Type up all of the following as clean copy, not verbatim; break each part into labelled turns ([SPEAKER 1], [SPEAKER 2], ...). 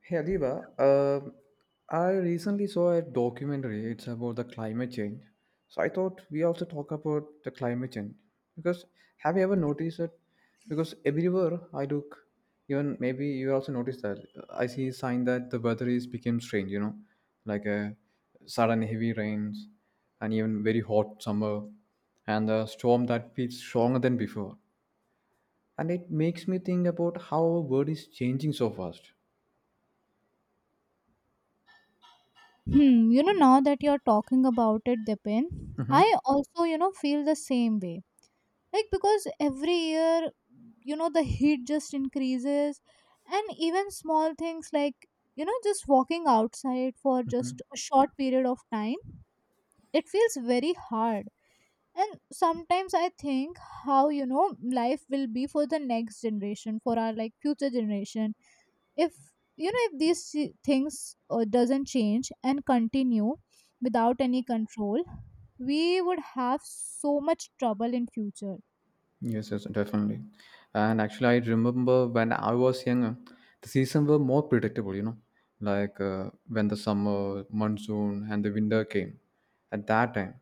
[SPEAKER 1] Hey Adiba, um, I recently saw a documentary. It's about the climate change. So I thought we also talk about the climate change because have you ever noticed it? Because everywhere I look, even maybe you also notice that I see a sign that the weather is became strange. You know, like a sudden heavy rains and even very hot summer and the storm that feels stronger than before. And it makes me think about how our world is changing so fast.
[SPEAKER 2] Hmm, you know, now that you're talking about it, Dipin,
[SPEAKER 1] Hmm.
[SPEAKER 2] I also, you know, feel the same way. Like, because every year, you know, the heat just increases, and even small things like, you know, just walking outside for just a short period of time, it feels very hard. And sometimes I think how, you know, life will be for the next generation, for our like future generation if you know if these things doesn't change and continue without any control, we would have so much trouble in future
[SPEAKER 1] Yes, yes, definitely. And actually, I remember when I was younger, the season were more predictable, you know, like when the summer, monsoon, and the winter came at that time.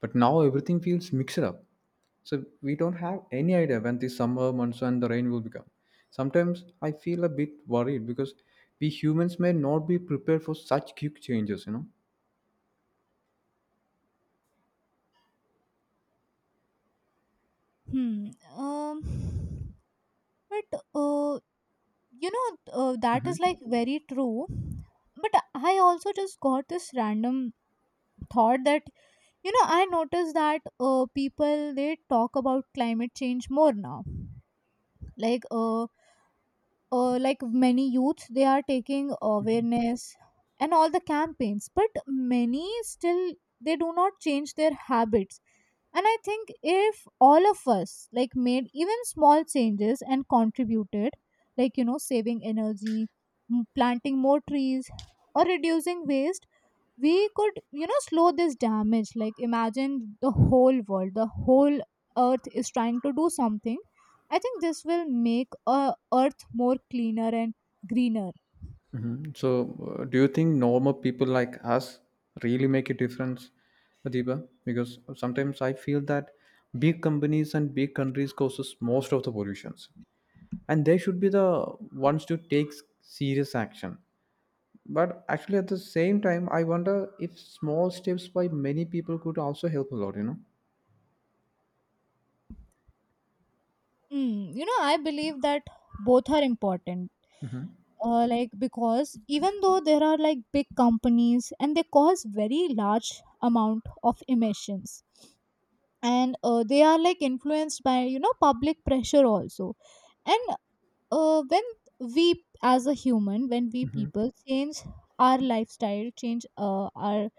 [SPEAKER 1] But now everything feels mixed up. So we don't have any idea when the summer, monsoon, and the rain will become. Sometimes I feel a bit worried because we humans may not be prepared for such quick changes, you know.
[SPEAKER 2] hmm um but you know, that is like very true, but I also just got this random thought that you know I noticed that people they talk about climate change more now, like uh, like many youths they are taking
[SPEAKER 1] Hmm.
[SPEAKER 2] awareness and all the campaigns, but many still they do not change their habits. And I think if all of us like made even small changes and contributed, like you know saving energy, planting more trees or reducing waste, we could you know slow this damage. Like imagine the whole world, the whole earth is trying to do something. I think this will make a earth more cleaner and greener.
[SPEAKER 1] So, do you think normal people like us really make a difference, Adiba? Because sometimes I feel that big companies and big countries causes most of the pollutions, and they should be the ones to take serious action. But actually, at the same time, I wonder if small steps by many people could also help a lot. You know.
[SPEAKER 2] Mm, you know I believe that both are important, like because even though there are like big companies and they cause very large amount of emissions, and they are like influenced by you know public pressure also. And when we as a human, when we
[SPEAKER 1] Hmm.
[SPEAKER 2] people change our lifestyle change, our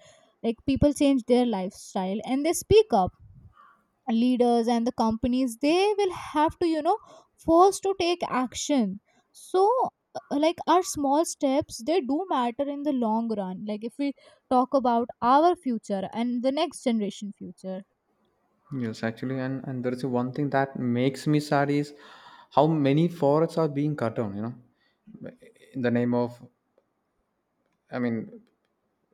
[SPEAKER 2] like people change their lifestyle and they speak up, leaders and the companies they will have to you know force to take action. So like our small steps they do matter in the long run, like if we talk about our future and the next generation future.
[SPEAKER 1] Yes, actually, and there is one thing that makes me sad is how many forests are being cut down. You know, in the name of, I mean,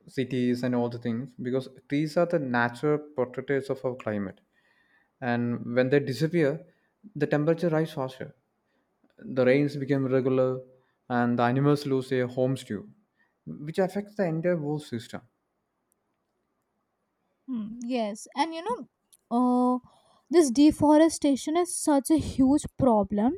[SPEAKER 1] cities and all the things because trees are the natural portraits of our climate and when they disappear the temperature rise faster, the rains become irregular, and the animals lose their homes too, which affects the entire world system.
[SPEAKER 2] Hmm, yes, and you know, uh, this deforestation is such a huge problem,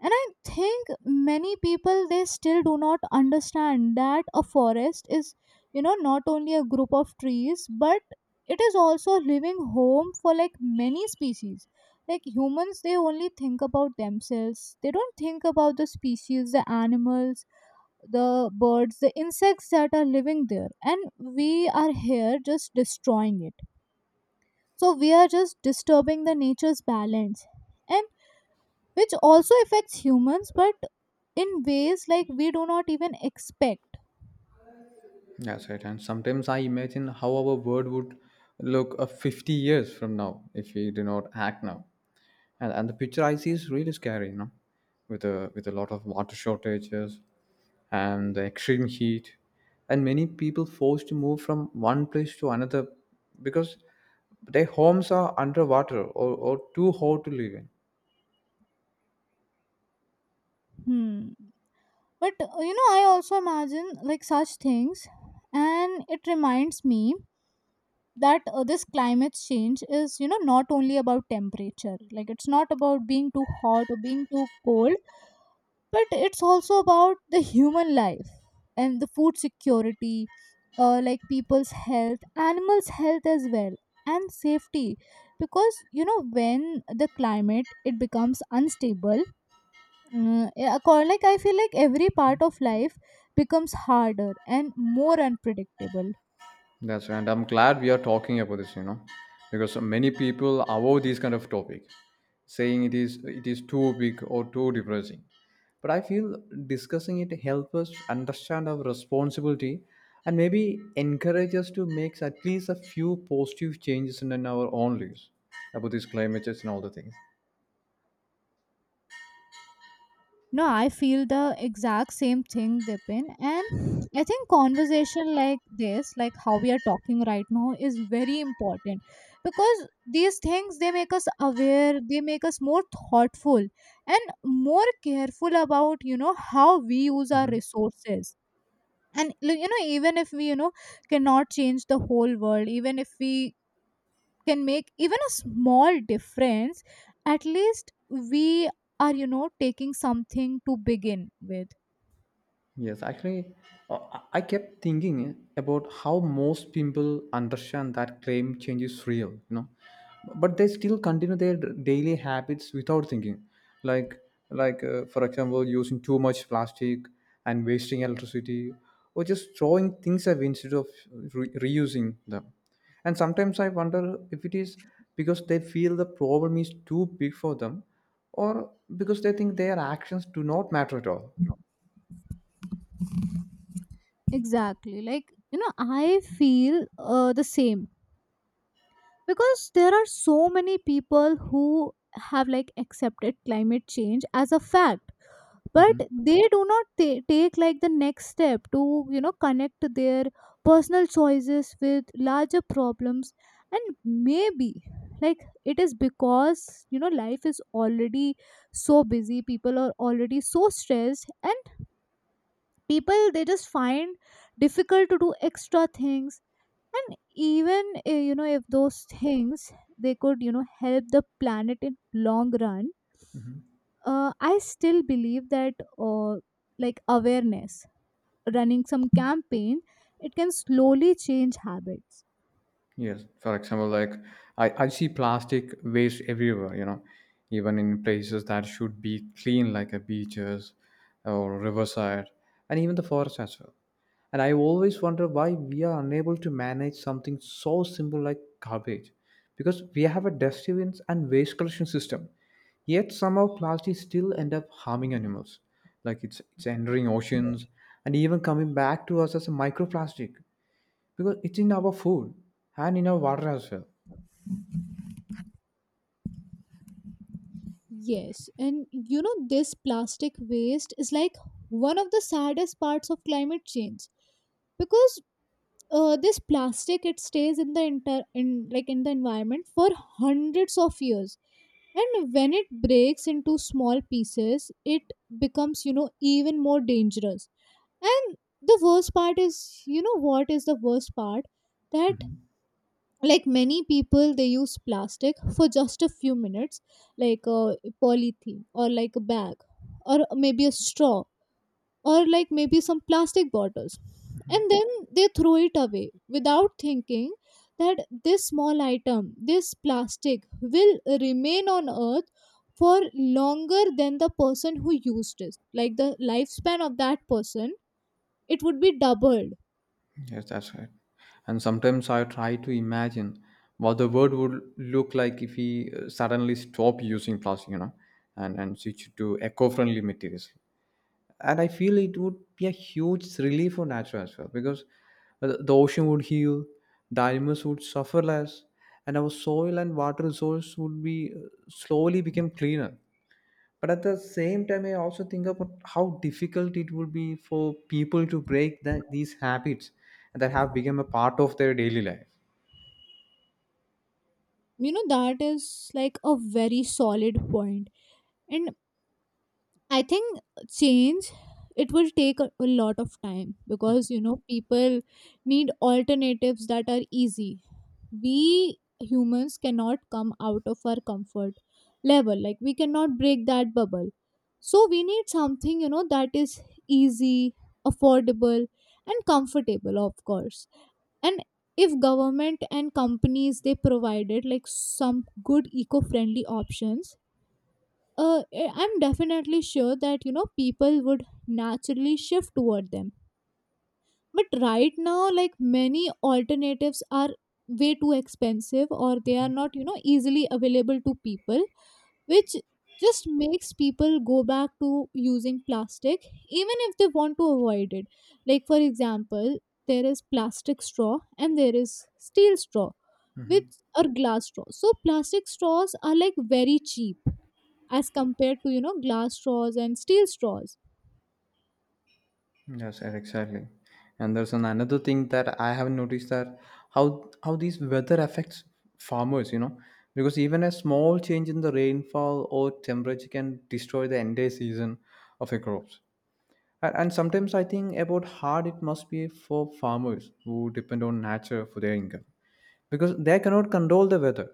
[SPEAKER 2] and I think many people they still do not understand that a forest is you know not only a group of trees, but it is also a living home for like many species. Like humans they only think about themselves, they don't think about the species, the animals, the birds, the insects that are living there, and we are here just destroying it. So we are just disturbing the nature's balance, and which also affects humans but in ways like we do not even expect.
[SPEAKER 1] That's right. And sometimes I imagine how our world would look 50 years from now if we do not act now. And the picture I see is really scary, you know, with a lot of water shortages and the extreme heat and many people forced to move from one place to another because their homes are underwater, or too hot to live in.
[SPEAKER 2] Hmm. But you know I also imagine like such things, and it reminds me that this climate change is you know not only about temperature, like it's not about being too hot or being too cold, but it's also about the human life and the food security, like people's health, animals health as well, and safety. Because you know when the climate it becomes unstable, uh, like I feel like every part of life becomes harder and more unpredictable.
[SPEAKER 1] That's right. And I'm glad we are talking about this, you know, because many people avoid these kind of topic, saying it is too big or too depressing. But I feel discussing it helps us understand our responsibility and maybe encourage us to make at least a few positive changes in our own lives about these climate change and all the things.
[SPEAKER 2] No, I feel the exact same thing, Dipin. And I think conversation like this, like how we are talking right now, is very important because these things they make us aware, they make us more thoughtful and more careful about you know how we use our
[SPEAKER 1] Mm-hmm.
[SPEAKER 2] resources. And like, you know, even if we you know cannot change the whole world, even if we can make even a small difference, at least we are you know taking something to begin with.
[SPEAKER 1] Yes, actually, I kept thinking about how most people understand that climate change is real, you know, but they still continue their daily habits without thinking, like like for example, using too much plastic and wasting electricity, or just throwing things away instead of reusing them. And sometimes I wonder if it is because they feel the problem is too big for them, or because they think their actions do not matter at all.
[SPEAKER 2] Exactly. Like, you know, I feel the same, because there are so many people who have like accepted climate change as a fact, but
[SPEAKER 1] Mm-hmm.
[SPEAKER 2] they do not take like the next step to you know connect their personal choices with larger problems. And maybe like it is because you know life is already so busy, people are already so stressed, and people they just find difficult to do extra things. And even you know if those things they could you know help the planet in long run, I still believe that like awareness, running some campaign, it can slowly change habits.
[SPEAKER 1] Yes, for example, like I see plastic waste everywhere, you know, even in places that should be clean, like a beaches or riverside, and even the forest as well. And I always wonder why we are unable to manage something so simple like garbage, because we have a dustbins and waste collection system, yet somehow plastic still end up harming animals, like it's entering oceans and even coming back to us as a microplastic because it's in our food and in our water as well.
[SPEAKER 2] Yes, and you know, this plastic waste is like one of the saddest parts of climate change, because this plastic it stays in the in like in the environment for hundreds of years, and when it breaks into small pieces it becomes you know even more dangerous. And the worst part is, you know what is the worst part? That
[SPEAKER 1] Mhm.
[SPEAKER 2] like many people they use plastic for just a few minutes, like a polythene or like a bag or maybe a straw or like maybe some plastic bottles. And then they throw it away without thinking that this small item, this plastic will remain on earth for longer than the person who used it. Like the lifespan of that person, it would be doubled.
[SPEAKER 1] Yes, that's right. And sometimes I try to imagine what the world would look like if we suddenly stop using plastic, you know, and switch to eco-friendly materials. And I feel it would be a huge relief for nature as well because the ocean would heal, the animals would suffer less, and our soil and water resource would be slowly become cleaner. But at the same time, I also think about how difficult it would be for people to break that, these habits that have become a part of their daily life.
[SPEAKER 2] You know that is like a very solid point, and I think change, it will take a lot of time, because you know people need alternatives that are easy. We humans cannot come out of our comfort level, like we cannot break that bubble. So we need something you know that is easy, affordable, and comfortable of course. And if government and companies they provided like some good eco-friendly options, I'm definitely sure that you know people would naturally shift toward them. But right now like many alternatives are way too expensive, or they are not you know easily available to people, which just makes people go back to using plastic even if they want to avoid it. Like for example, there is plastic straw and there is steel straw with or glass straws. So plastic straws are like very cheap as compared to you know glass straws and steel straws.
[SPEAKER 1] Yes, sir, exactly. And there's an, another thing that I haven't noticed that how these weather affects farmers. You know, because even a small change in the rainfall or temperature can destroy the entire season of a crops. And sometimes I think about hard it must be for farmers who depend on nature for their income because they cannot control the weather.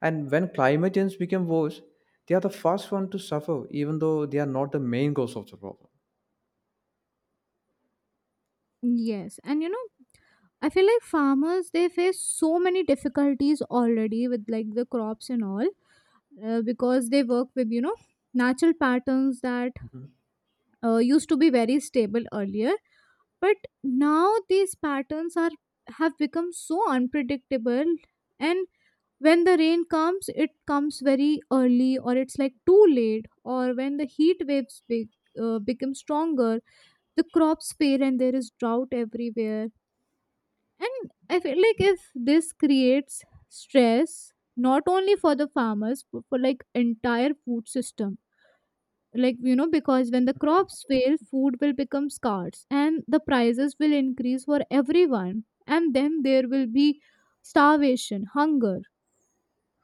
[SPEAKER 1] And when climate change became worse, they are the first one to suffer, even though they are not the main cause of the problem.
[SPEAKER 2] Yes, and you know, I feel like farmers they face so many difficulties already with like the crops and all, because they work with you know natural patterns that
[SPEAKER 1] Mhm.
[SPEAKER 2] used to be very stable earlier, but now these patterns are have become so unpredictable. And when the rain comes it comes very early, or it's like too late, or when the heat waves become stronger, the crops fail and there is drought everywhere. And I feel like if this creates stress not only for the farmers but for like entire food system, like you know because when the crops fail food will become scarce and the prices will increase for everyone, and then there will be starvation, hunger.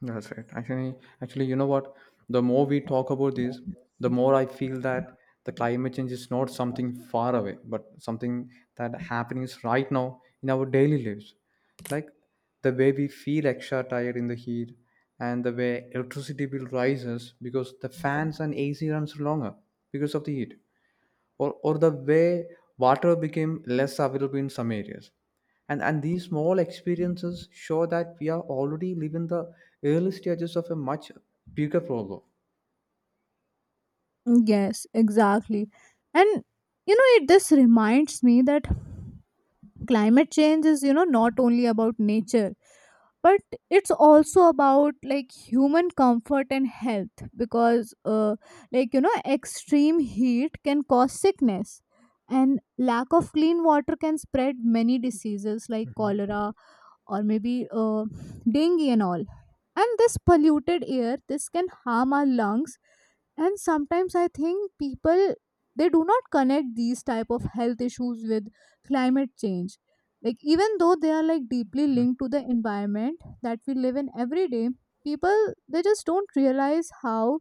[SPEAKER 1] That's right. Actually, you know what? The more we talk about this, the more I feel that the climate change is not something far away, but something that happens right now in our daily lives. Like the way we feel extra tired in the heat, and the way electricity bill rises because the fans and AC runs longer because of the heat, or the way water became less available in some areas. And these small experiences show that we are already living the early stages of a much bigger problem.
[SPEAKER 2] Yes, exactly. And you know, it this reminds me that climate change is, you know, not only about nature, but it's also about like human comfort and health, because, like, you know, extreme heat can cause sickness, and lack of clean water can spread many diseases like
[SPEAKER 1] Mhm.
[SPEAKER 2] cholera, or maybe dengue and all. And this polluted air, this can harm our lungs. And sometimes I think people they do not connect these type of health issues with climate change, like even though they are like deeply linked to the environment that we live in every day, people they just don't realize how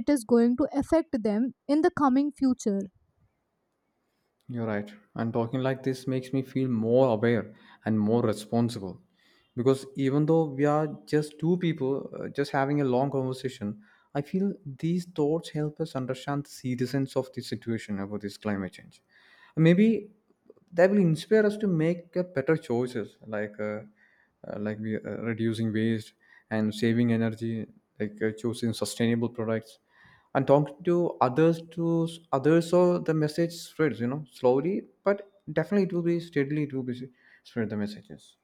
[SPEAKER 2] it is going to affect them in the coming future.
[SPEAKER 1] You're right. And talking like this makes me feel more aware and more responsible. Because even though we are just two people just having a long conversation, I feel these thoughts help us understand the seriousness of the situation about this climate change. Maybe that will inspire us to make better choices, like reducing waste and saving energy, like choosing sustainable products and talking to others, to others, so the message spreads, you know, slowly but definitely it will be steadily it will be spread the messages.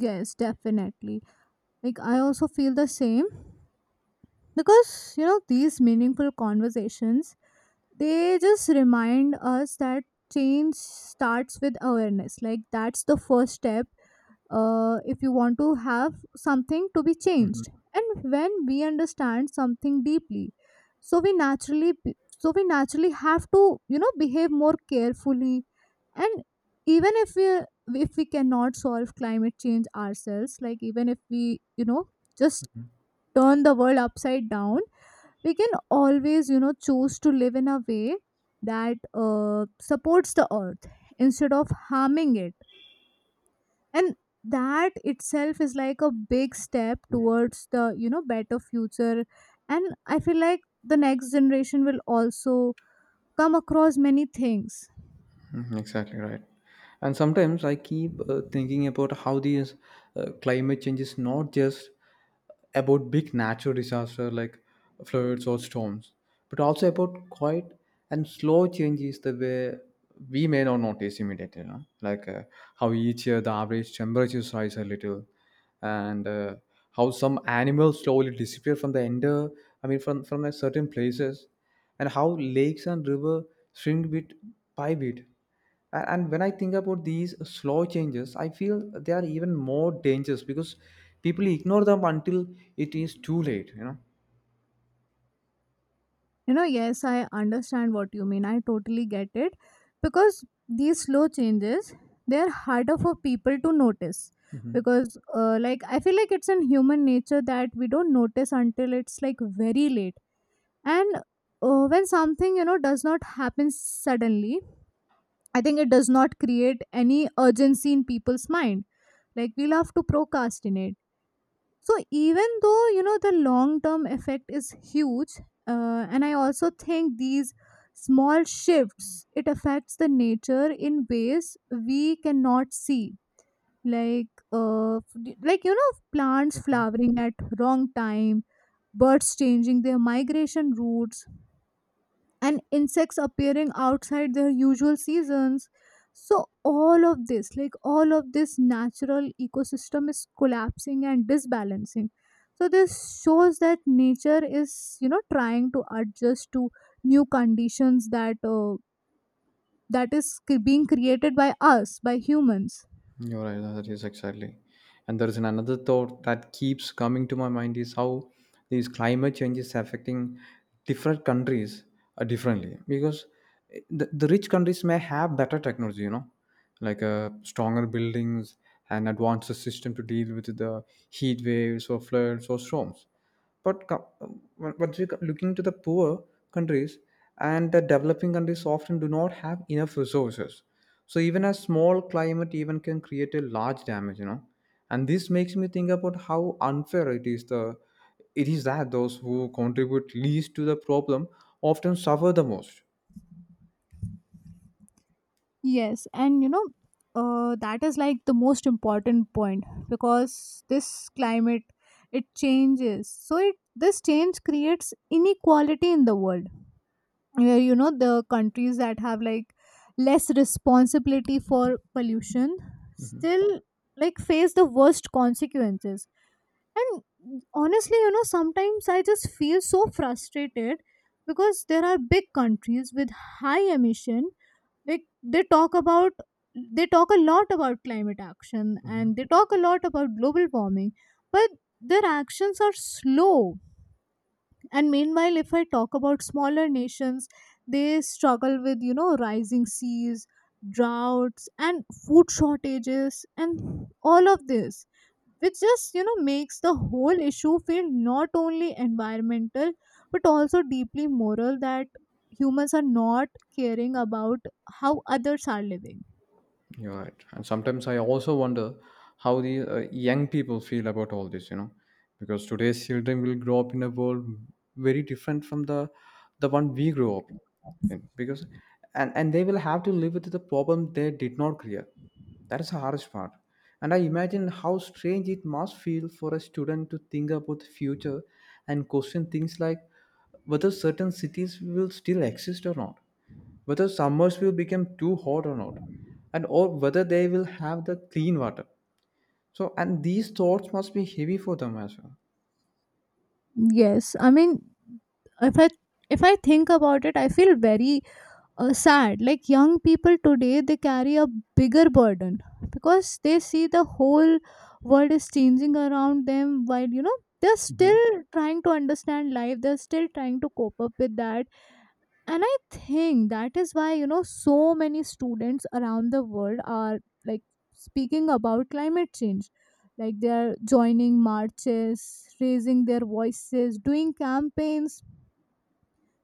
[SPEAKER 2] Yes, definitely, like I also feel the same, because you know these meaningful conversations they just remind us that change starts with awareness, like that's the first step, if you want to have something to be
[SPEAKER 1] Mhm.
[SPEAKER 2] changed. And when we understand something deeply, so we so we naturally have to you know behave more carefully. And even if we, if we cannot solve climate change ourselves, like even if we you know just turn the world upside down, we can always you know choose to live in a way that supports the earth instead of harming it. And that itself is like a big step towards the you know better future. And I feel like the next generation will also come across many things.
[SPEAKER 1] Mhm. Exactly right. And sometimes I keep thinking about how these climate change is not just about big natural disaster like floods or storms, but also about quiet and slow changes the way we may not notice immediately. You know? Like how each year the average temperatures rise a little, and how some animals slowly disappear from the ender. I mean, from a certain places, and how lakes and river shrink bit by bit. A- and when I think about these slow changes I feel they are even more dangerous because people ignore them until it is too late, you know.
[SPEAKER 2] You know, yes, I understand what you mean. I totally get it, because these slow changes they're harder for people to notice,
[SPEAKER 1] Mhm.
[SPEAKER 2] because like I feel like it's in human nature that we don't notice until it's like very late. And when something you know does not happen suddenly, I think it does not create any urgency in people's mind. Like we love to procrastinate. So even though you know the long term effect is huge, and I also think these small shifts it affects the nature in ways we cannot see, like like you know plants flowering at wrong time, birds changing their migration routes, and insects appearing outside their usual seasons. So all of this, like all of this natural ecosystem is collapsing and disbalancing. So this shows that nature is you know trying to adjust to new conditions that being created by us, by humans.
[SPEAKER 1] You're right. That is exactly. And there is an another thought that keeps coming to my mind is how these climate change is affecting different countries differently. Because eh, the rich countries may have better technology, you know, like stronger buildings and advanced system to deal with the heat waves or floods or storms. But looking to the poor countries and the developing countries often do not have enough resources. So even a small climate even can create a large damage, you know. And this makes me think about how unfair it is the it is that those who contribute least to the problem often suffer the most.
[SPEAKER 2] Yes, and you know, that is like the most important point, because this climate it changes. So it this change creates inequality in the world where you know the countries that have like less responsibility for pollution still like face the worst consequences. And honestly, you know, sometimes I just feel so frustrated because there are big countries with high emission like they talk a lot about climate action
[SPEAKER 1] Mhm.
[SPEAKER 2] and they talk a lot about global warming, but their actions are slow. And meanwhile, if I talk about smaller nations, they struggle with, you know, rising seas, droughts, and food shortages, and all of this, which just, you know, makes the whole issue feel not only environmental, but also deeply moral, that humans are not caring about how others are living.
[SPEAKER 1] You're right. And sometimes I also wonder how the young people feel about all this, you know, because today's children will grow up in a world very different from the one we grew up in. Because and they will have to live with the problem they did not clear. That is the hardest part. And I imagine how strange it must feel for a student to think about the future and question things like whether certain cities will still exist or not, whether summers will become too hot or not, and or whether they will have the clean water. So, and these thoughts must be heavy for them as well.
[SPEAKER 2] Yes, I mean, if I if I think about it, I feel very sad. Like young people today, they carry a bigger burden because they see the whole world is changing around them while, you know, they're still trying to understand life, they're still trying to cope up with that. And I think that is why, you know, so many students around the world are like speaking about climate change, like they're joining marches, raising their voices, doing campaigns,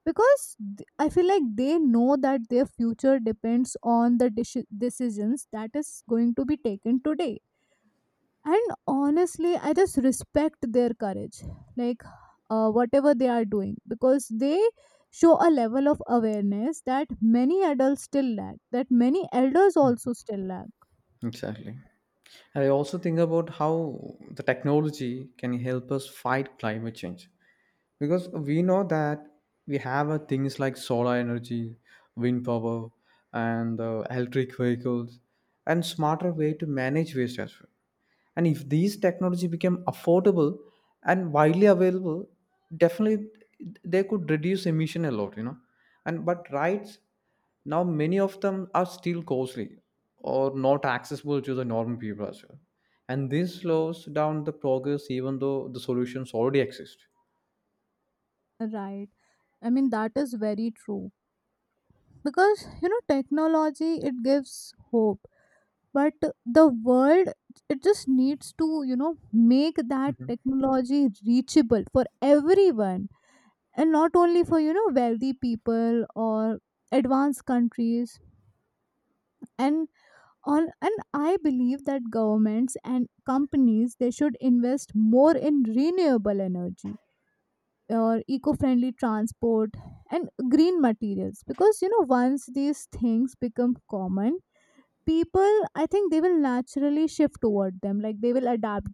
[SPEAKER 2] because I feel like they know that their future depends on the decisions that is going to be taken today. And honestly, I just respect their courage, like, whatever they are doing, because they show a level of awareness that many adults still lack, that many elders also still lack.
[SPEAKER 1] Exactly. And I also think about how the technology can help us fight climate change because we know that we have things like solar energy, wind power, and electric vehicles, and smarter way to manage waste as well. And if these technology became affordable and widely available, definitely they could reduce emission a lot, you know. And but rights now many of them are still costly or not accessible to the normal people as well, and this slows down the progress even though the solutions already exist.
[SPEAKER 2] Right. I mean, that is very true. Because, you know, technology, it gives hope. But the world, it just needs to, you know, make that
[SPEAKER 1] Mhm.
[SPEAKER 2] technology reachable for everyone and not only for, you know, wealthy people or advanced countries. And on and I believe that governments and companies, they should invest more in renewable energy or eco-friendly transport and green materials, because you know, once these things become common, people, I think, they will naturally shift toward them, like they will adapt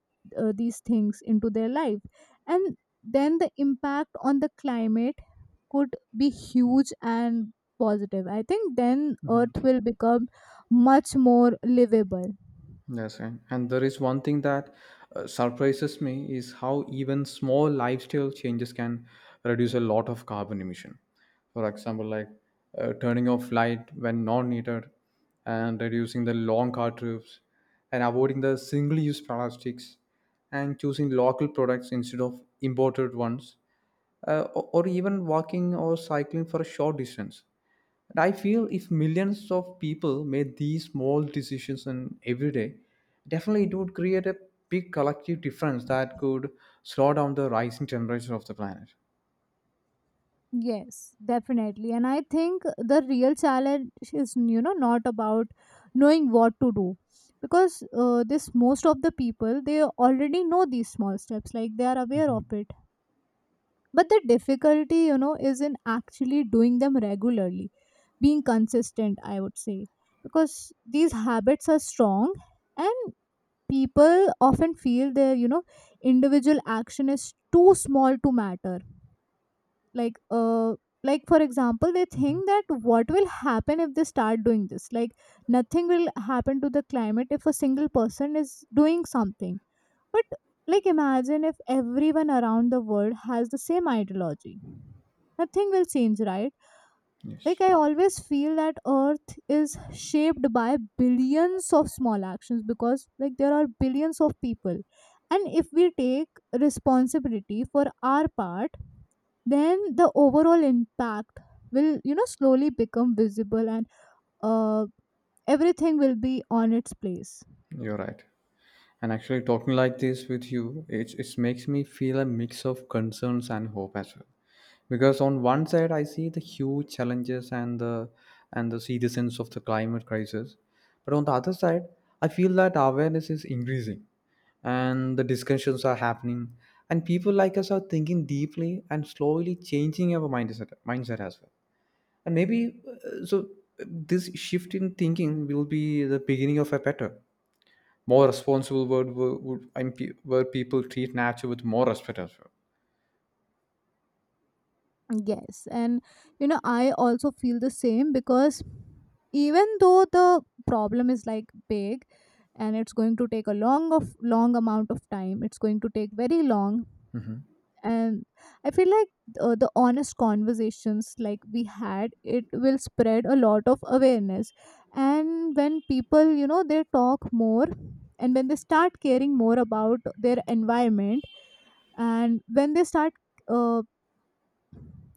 [SPEAKER 2] these things into their life. And then the impact on the climate could be huge and positive. I think then earth will become much more livable.
[SPEAKER 1] Yes, and there is one thing that surprises me is how even small lifestyle changes can reduce a lot of carbon emission. For example, like turning off light when not needed, and reducing the long car trips, and avoiding the single-use plastics, and choosing local products instead of imported ones, or even walking or cycling for a short distance. And I feel if millions of people made these small decisions in every day, definitely it would create a big collective difference that could slow down the rising temperature of the planet.
[SPEAKER 2] Yes, definitely. And I think the real challenge is, you know, not about knowing what to do, because this, most of the people, they already know these small steps, like they are aware
[SPEAKER 1] Mhm.
[SPEAKER 2] of it. But the difficulty, you know, is in actually doing them regularly, being consistent, I would say, because these habits are strong, and people often feel their, you know, individual action is too small to matter. Like, uh, like for example, they think that what will happen if they start doing this, like nothing will happen to the climate if a single person is doing something. But like imagine if everyone around the world has the same ideology. Nothing will change, right? Like
[SPEAKER 1] Yes,
[SPEAKER 2] I always feel that earth is shaped by billions of small actions, because like there are billions of people. And if we take responsibility for our part, then the overall impact will, you know, slowly become visible, and uh, everything will be on its place.
[SPEAKER 1] you're right. And actually, talking like this with you, it makes me feel a mix of concerns and hope as well, because on one side I see the huge challenges and the seriousness of the climate crisis, but on the other side I feel that awareness is increasing and the discussions are happening, and people like us are thinking deeply and slowly changing our mindset as well. And maybe uh, so uh, this shift in thinking will be the beginning of a better, more responsible world where people treat nature with more respect as well.
[SPEAKER 2] Yes, and you know, I also feel the same, because even though the problem is like big, and it's going to take a long amount of time, it's going to take very long.
[SPEAKER 1] Hmm.
[SPEAKER 2] And I feel like the honest conversations like we had, it will spread a lot of awareness. And when people, you know, they talk more, and when they start caring more about their environment, and when they start uh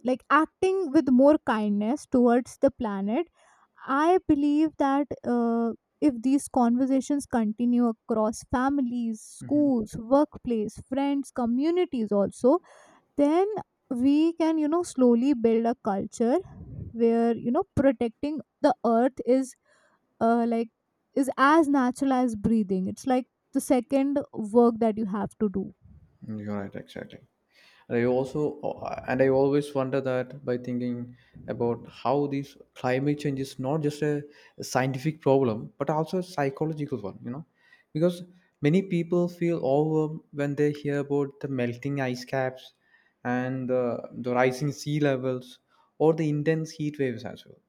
[SPEAKER 2] like acting with more kindness towards the planet, I believe that, uh, if these conversations continue across families,
[SPEAKER 1] Hmm.
[SPEAKER 2] schools, workplace, friends, communities also, then we can, you know, slowly build a culture where, you know, protecting the earth is, like is as natural as breathing. It's like the second work that you have to do.
[SPEAKER 1] You're right, exactly. And I also and I always wonder, that by thinking about how this climate change is not just a scientific problem but also a psychological one, you know, because many people feel overwhelmed when they hear about the melting ice caps and the rising sea levels or the intense heat waves as well.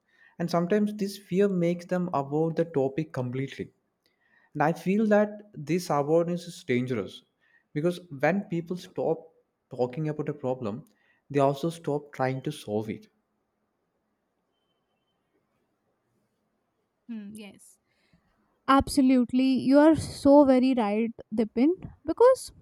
[SPEAKER 1] And sometimes this fear makes them avoid the topic completely, and I feel that this avoidance is dangerous, because when people stop talking about a problem, they also stop trying to solve it.
[SPEAKER 2] Hmm, yes. Absolutely. You are so very right, Dipin. Because,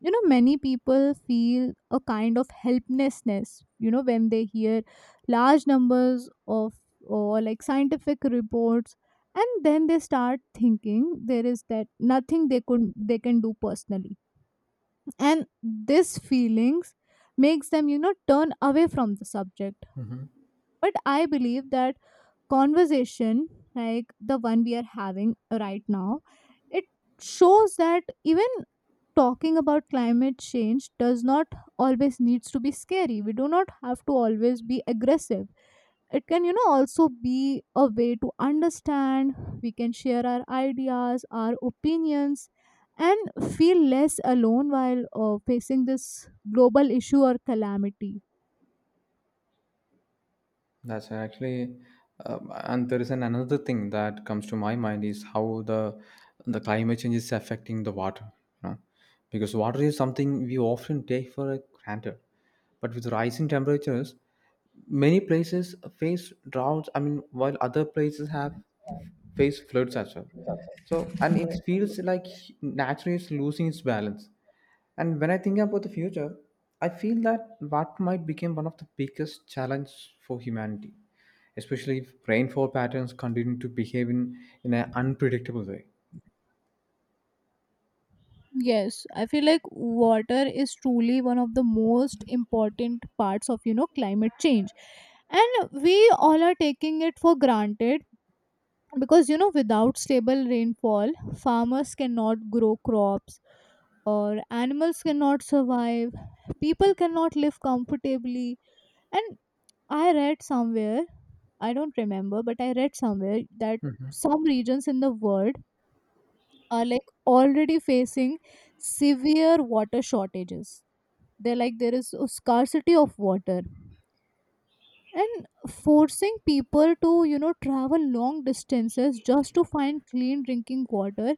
[SPEAKER 2] you know, many people feel a kind of helplessness, you know, when they hear large numbers of or like scientific reports, and then they start thinking there is that nothing they could they can do personally, and this feelings makes them, you know, turn away from the subject.
[SPEAKER 1] Hmm.
[SPEAKER 2] But I believe that conversation like the one we are having right now, it shows that even talking about climate change does not always needs to be scary. We do not have to always be aggressive. It can, you know, also be a way to understand. We can share our ideas, our opinions, and feel less alone while facing this global issue or calamity.
[SPEAKER 1] That's actually, and there is an another thing that comes to my mind is how the the climate change is affecting the water, you know, because water is something we often take for granted, but with rising temperatures, many places face droughts. I mean, while other places have face floods as well. So, and it feels like nature is losing its balance. And when I think about the future, I feel that what might become one of the biggest challenges for humanity, especially if rainfall patterns continue to behave in an unpredictable way.
[SPEAKER 2] Yes, I feel like water is truly one of the most important parts of, you know, climate change, and we all are taking it for granted, because you know, without stable rainfall, farmers cannot grow crops, or animals cannot survive, people cannot live comfortably. And I read somewhere, I don't remember, but I read somewhere that some regions in the world are like already facing severe water shortages. They're like there is a scarcity of water. And forcing people to, you know, travel long distances just to find clean drinking water,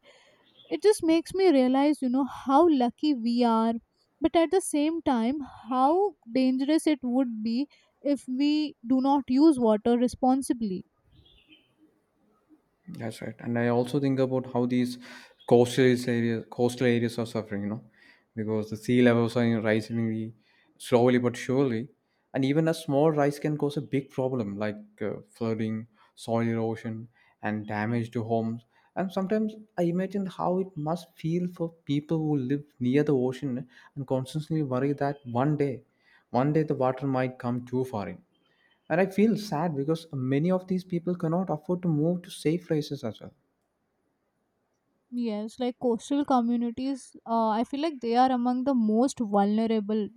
[SPEAKER 2] it just makes me realize, you know, how lucky we are. But at the same time, how dangerous it would be if we do not use water responsibly.
[SPEAKER 1] That's right. And I also think about how these coastal areas are suffering, you know, because the sea levels are rising really slowly but surely. And even a small rise can cause a big problem like flooding, soil erosion, and damage to homes. And sometimes I imagine how it must feel for people who live near the ocean and constantly worry that one day the water might come too far in. And I feel sad because many of these people cannot afford to move to safe places as well.
[SPEAKER 2] Yes, like coastal communities, I feel like they are among the most vulnerable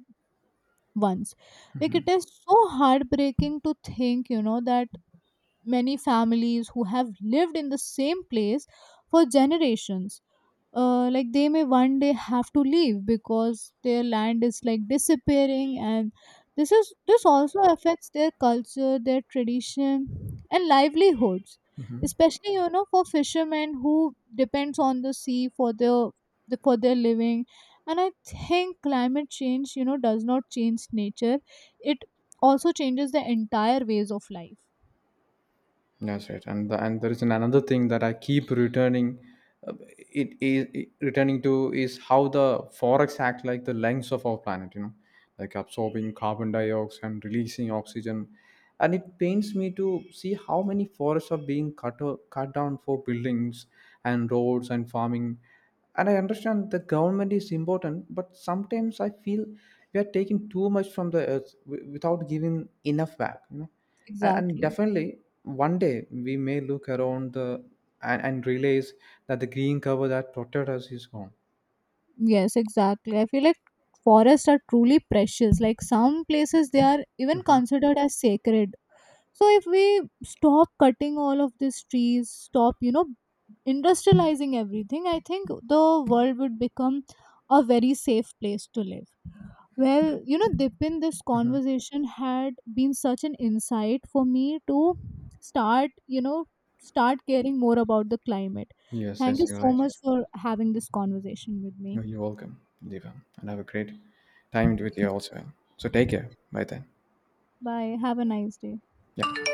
[SPEAKER 2] once. Like it is so heartbreaking to think, you know, that many families who have lived in the same place for generations, like they may one day have to leave because their land is like disappearing, and this also affects their culture, their tradition, and livelihoods, especially you know, for fishermen who depends on the sea for their for their living. And I think climate change, you know, does not change nature, it also changes the entire ways of life.
[SPEAKER 1] That's right, and there is an another thing that I keep returning. Uh, it is returning to is how the forex act like the lungs of our planet, you know, like absorbing carbon dioxide and releasing oxygen, and it pains me to see how many forests are being cut cut down for buildings and roads and farming. And I understand the government is important, but sometimes I feel we are taking too much from the earth without giving enough back, you know. And
[SPEAKER 2] Exactly.
[SPEAKER 1] definitely one day we may look around the and realize that the green cover that protected us is gone.
[SPEAKER 2] Yes, exactly. I feel like forests are truly precious. Like some places, they are even
[SPEAKER 1] Hmm.
[SPEAKER 2] considered as sacred. So if we stop cutting all of these trees, stop, you know, industrializing everything, I think the world would become a very safe place to live. Well, you know, Dipin, this
[SPEAKER 1] Hmm.
[SPEAKER 2] conversation had been such an insight for me to start, you know, start caring more about the climate.
[SPEAKER 1] Yes,
[SPEAKER 2] Thank
[SPEAKER 1] yes,
[SPEAKER 2] you
[SPEAKER 1] you're
[SPEAKER 2] so
[SPEAKER 1] right.
[SPEAKER 2] much for having this conversation with me.
[SPEAKER 1] No, you're welcome, Diva. And have a great time with you also. So take care. Bye then.
[SPEAKER 2] Bye. Have a nice day.
[SPEAKER 1] Yeah.